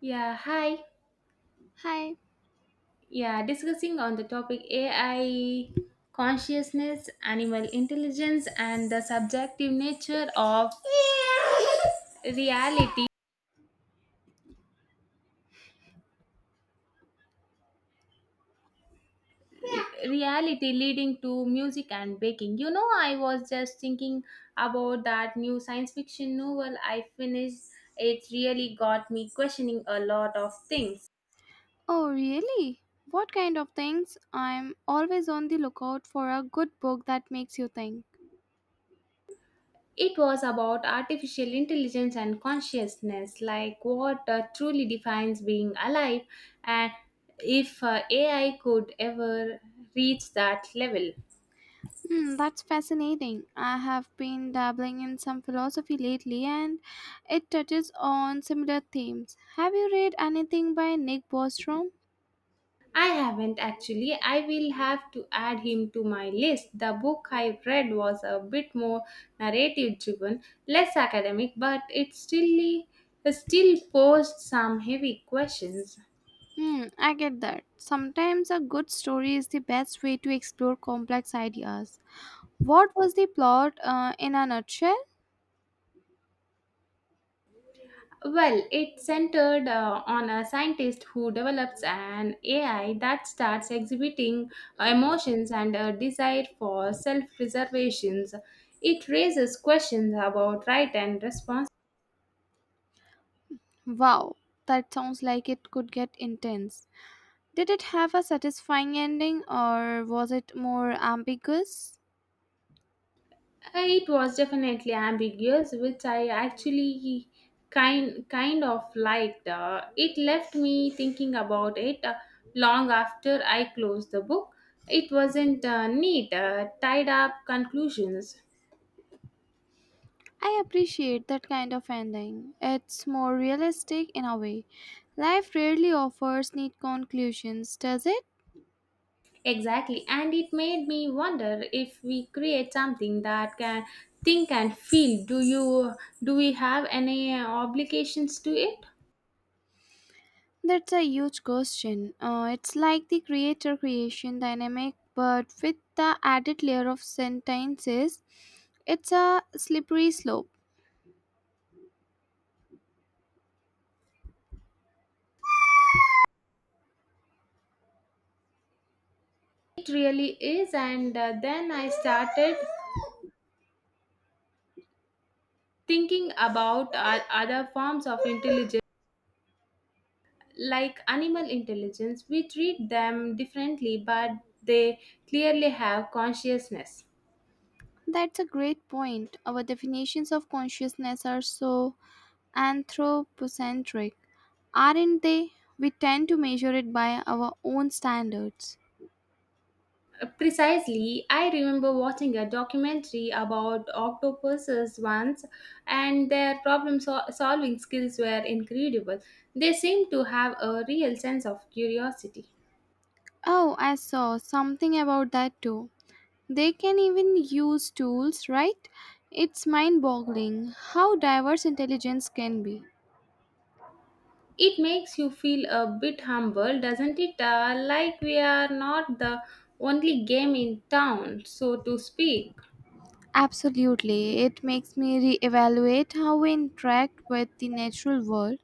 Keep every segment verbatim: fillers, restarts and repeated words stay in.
Yeah, hi. Hi. Yeah, discussing on the topic A I consciousness, animal intelligence, and the subjective nature of reality reality leading to music and baking you know i was just thinking about that new science fiction novel I finished. It really got me questioning a lot of things. Oh, really? What kind of things? I'm always on the lookout for a good book that makes you think. It was about artificial intelligence and consciousness, like what uh, truly defines being alive, and if uh, A I could ever reach that level. Hmm, that's fascinating. I have been dabbling in some philosophy lately, and it touches on similar themes. Have you read anything by Nick Bostrom? I haven't actually. I will have to add him to my list. The book I read was a bit more narrative driven, less academic, but it still, still posed some heavy questions. Hmm, I get that. Sometimes a good story is the best way to explore complex ideas. What was the plot uh, in a nutshell? Well, it centered uh, on a scientist who develops an A I that starts exhibiting uh, emotions and a desire for self preservations. It raises questions about right and response. Wow, that sounds like it could get intense. Did it have a satisfying ending, or was it more ambiguous? Uh, It was definitely ambiguous, which I actually kind kind of liked. Uh, it left me thinking about it uh, long after I closed the book. It wasn't uh, neat, uh, tied up conclusions. I appreciate that kind of ending. It's more realistic in a way. Life rarely offers neat conclusions, does it? Exactly. And it made me wonder if we create something that can think and feel, do you do we have any uh, obligations to it? That's a huge question. Uh, it's like the creator creation dynamic, but with the added layer of sentences, it's a slippery slope. It really is. And uh, then I started thinking about uh, other forms of intelligence, like animal intelligence. We treat them differently, but they clearly have consciousness. That's a great point. Our definitions of consciousness are so anthropocentric, aren't they? We tend to measure it by our own standards. Precisely, I remember watching a documentary about octopuses once, and their problem sol- solving skills were incredible. They seem to have a real sense of curiosity. Oh, I saw something about that too. They can even use tools, right? It's mind boggling how diverse intelligence can be. It makes you feel a bit humble, doesn't it? Uh, like we are not the only game in town, so to speak. Absolutely, it makes me re evaluate how we interact with the natural world.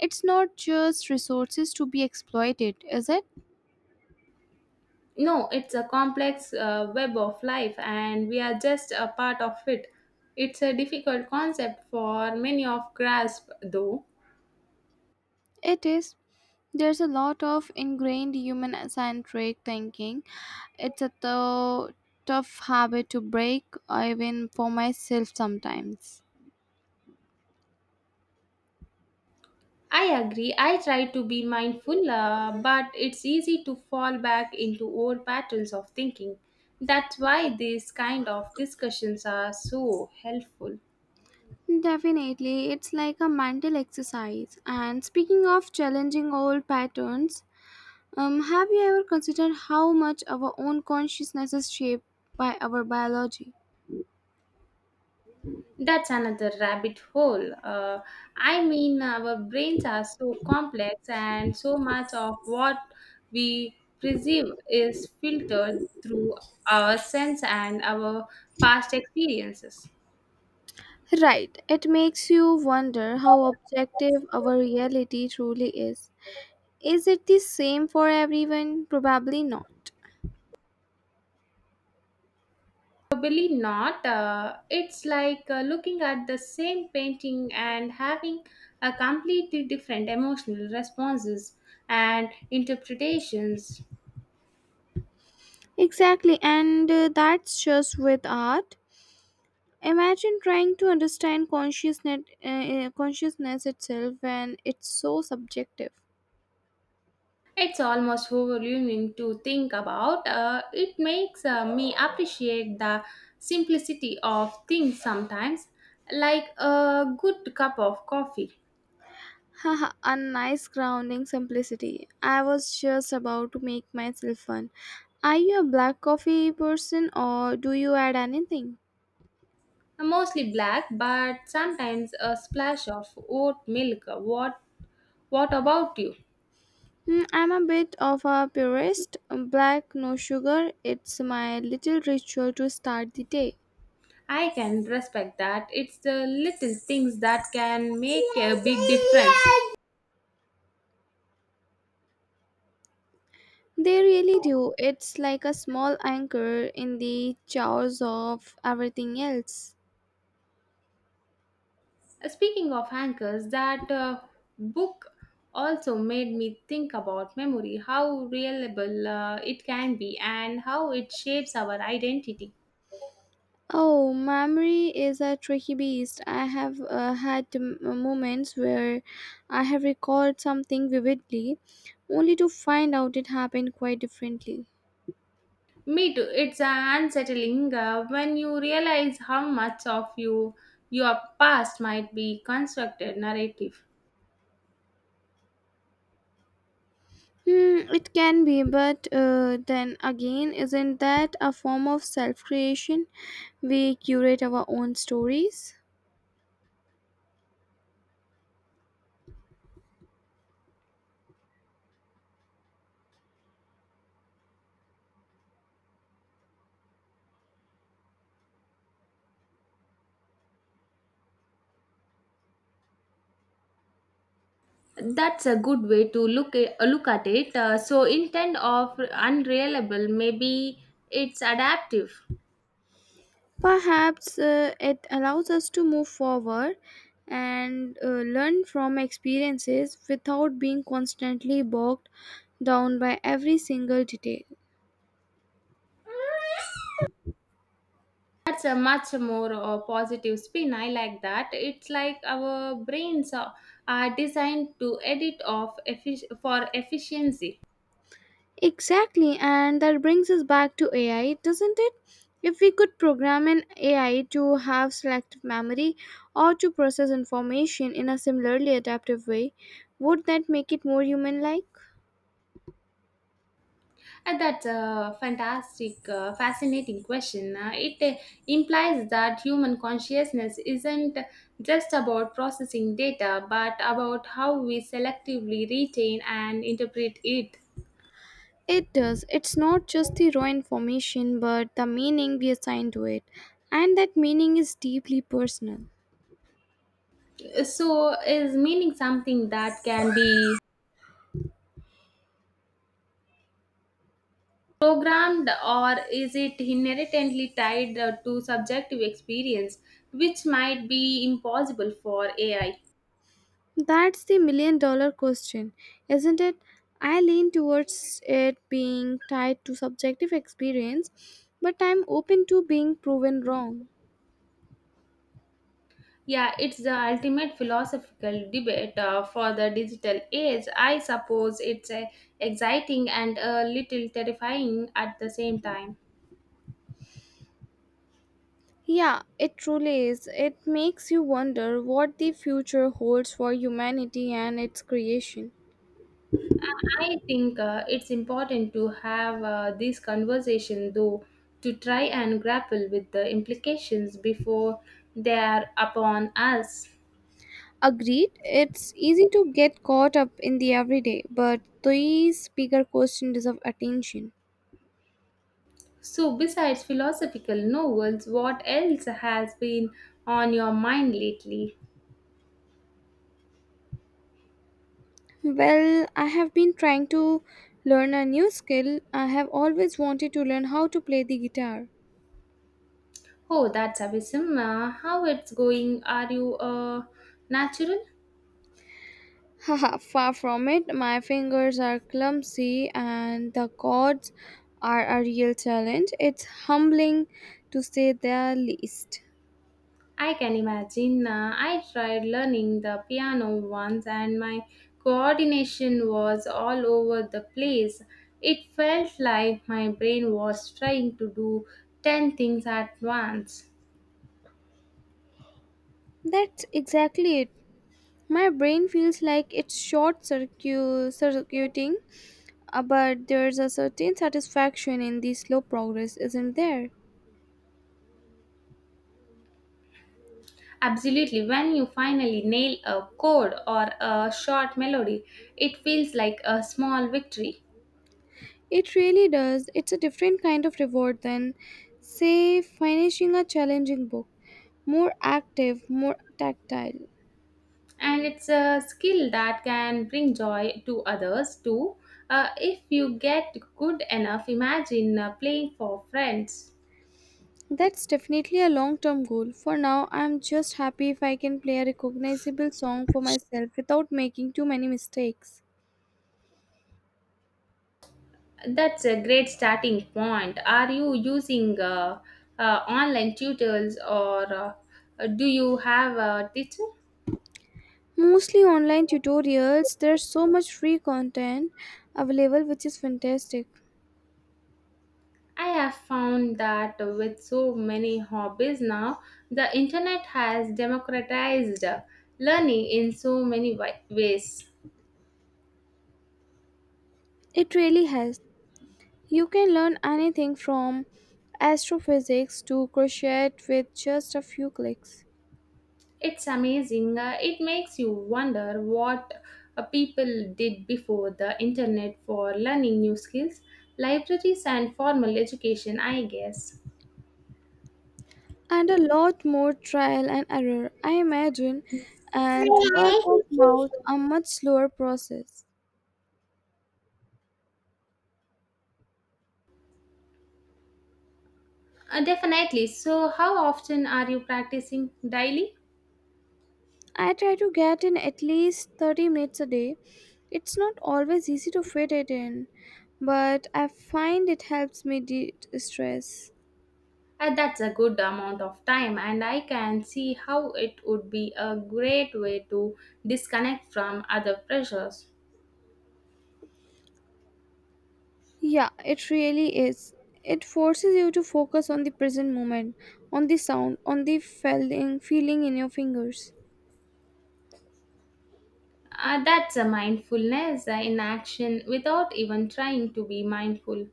It's not just resources to be exploited, is it? No, it's a complex uh, web of life, and we are just a part of it. It's a difficult concept for many of grasp, though. It is. There's a lot of ingrained human centric thinking. It's a tou- tough habit to break, even for myself sometimes. I agree. I try to be mindful, uh, but it's easy to fall back into old patterns of thinking. That's why these kind of discussions are so helpful. Definitely, it's like a mental exercise. And speaking of challenging old patterns, um, have you ever considered how much our own consciousness is shaped by our biology? That's another rabbit hole. Uh, I mean, our brains are so complex, and so much of what we perceive is filtered through our sense and our past experiences. Right, it makes you wonder how objective our reality truly is. Is it the same for everyone? Probably not. Probably not. Uh, it's like uh, looking at the same painting and having a completely different emotional responses and interpretations. Exactly, and uh, that's just with art. Imagine trying to understand consciousness, uh, uh, consciousness itself when it's so subjective. It's almost overwhelming to think about. Uh, it makes uh, me appreciate the simplicity of things sometimes, like a good cup of coffee. Haha, a nice grounding simplicity. I was just about to make myself fun. Are you a black coffee person, or do you add anything? Mostly black, but sometimes a splash of oat milk. What, what about you? Hmm, I'm a bit of a purist. Black, no sugar. It's my little ritual to start the day. I can respect that. It's the little things that can make a big difference. They really do. It's like a small anchor in the chaos of everything else. Speaking of anchors, that uh, book also made me think about memory, how reliable uh, it can be, and how it shapes our identity. Oh, memory is a tricky beast. I have uh, had m- uh, moments where I have recalled something vividly, only to find out it happened quite differently. Me too. It's uh, unsettling uh, when you realize how much of you your past might be constructed narrative. Hmm, it can be, but uh, then again, isn't that a form of self creation? We curate our own stories. That's a good way to look at, uh, look at it. Uh, so intent of unreliable, maybe it's adaptive. Perhaps uh, it allows us to move forward and uh, learn from experiences without being constantly bogged down by every single detail. That's a much more uh, positive spin. I like that. It's like our brains are, are designed to edit off effic- for efficiency. Exactly, and that brings us back to A I, doesn't it? If we could program an A I to have selective memory, or to process information in a similarly adaptive way, would that make it more human like? Uh, That's a fantastic, uh, fascinating question. Uh, it uh, implies that human consciousness isn't just about processing data, but about how we selectively retain and interpret it. It does. It's not just the raw information, but the meaning we assign to it, and that meaning is deeply personal. So, is meaning something that can be programmed, or is it inherently tied uh, to subjective experience, which might be impossible for A I? That's the million dollar question, isn't it? I lean towards it being tied to subjective experience, but I'm open to being proven wrong. Yeah, it's the ultimate philosophical debate uh, for the digital age. I suppose it's uh, exciting and a little terrifying at the same time. Yeah, it truly is. It makes you wonder what the future holds for humanity and its creation. I think uh, it's important to have uh, this conversation, though, to try and grapple with the implications before they are upon us. Agreed, it's easy to get caught up in the everyday, but these bigger questions deserve attention. So, besides philosophical novels, what else has been on your mind lately? Well, I have been trying to learn a new skill. I have always wanted to learn how to play the guitar. Oh, that's awesome. Uh, how it's going? Are you a natural? Haha, far from it. My fingers are clumsy and the chords are a real challenge. It's humbling, to say the least. I can imagine. Uh, I tried learning the piano once and my coordination was all over the place. It felt like my brain was trying to do ten things at once. That's exactly it. My brain feels like it's short circu- circuiting, uh, but there's a certain satisfaction in the slow progress, isn't there? Absolutely, when you finally nail a chord or a short melody, it feels like a small victory. It really does. It's a different kind of reward than, say, finishing a challenging book. More active, more tactile. And it's a skill that can bring joy to others too, uh, if you get good enough, imagine uh, playing for friends. That's definitely a long term goal. For now, I'm just happy if I can play a recognizable song for myself without making too many mistakes. That's a great starting point. Are you using uh, uh, online tutors, or uh, uh, do you have a teacher? Mostly online tutorials, there's so much free content available, which is fantastic. I have found that with so many hobbies now, the internet has democratized uh, learning in so many wi- ways. It really has. You can learn anything from astrophysics to crochet with just a few clicks. It's amazing. Uh, it makes you wonder what uh, people did before the internet for learning new skills, libraries, and formal education, I guess. And a lot more trial and error, I imagine, and word of mouth, a much slower process. Uh, definitely. So, how often are you practicing daily? I try to get in at least thirty minutes a day. It's not always easy to fit it in, but I find it helps me de stress. Uh, that's a good amount of time, and I can see how it would be a great way to disconnect from other pressures. Yeah, it really is. It forces you to focus on the present moment, on the sound, on the feeling, feeling in your fingers. Uh, that's a mindfulness uh, in action without even trying to be mindful.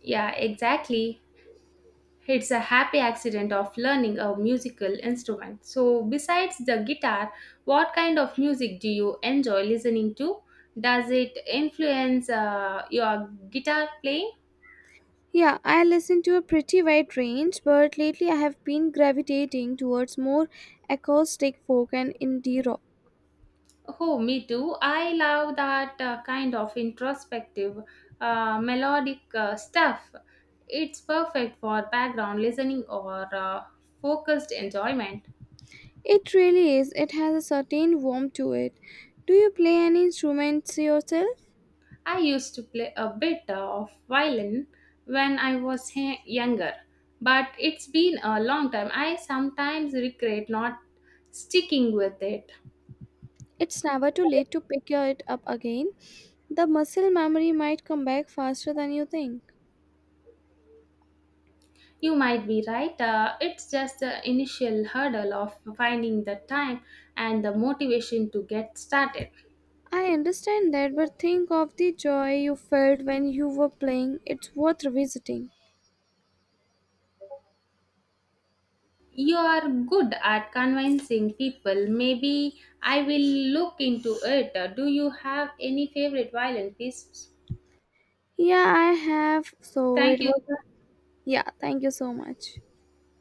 Yeah, exactly. It's a happy accident of learning a musical instrument. So, besides the guitar, what kind of music do you enjoy listening to? Does it influence uh, your guitar playing? Yeah, I listen to a pretty wide range, but lately I have been gravitating towards more acoustic folk and indie rock. Oh, me too. I love that uh, kind of introspective, uh, melodic uh, stuff. It's perfect for background listening or uh, focused enjoyment. It really is, it has a certain warmth to it. Do you play any instruments yourself? I used to play a bit of violin when I was he- younger, but it's been a long time. I sometimes regret not sticking with it. It's never too late to pick it up again. The muscle memory might come back faster than you think. You might be right, uh, it's just the initial hurdle of finding the time and the motivation to get started. I understand that, but think of the joy you felt when you were playing. It's worth revisiting. You are good at convincing people. Maybe I will look into it. Uh, Do you have any favorite violin pieces? Yeah, I have. So Thank it was. you. A- yeah, thank you so much.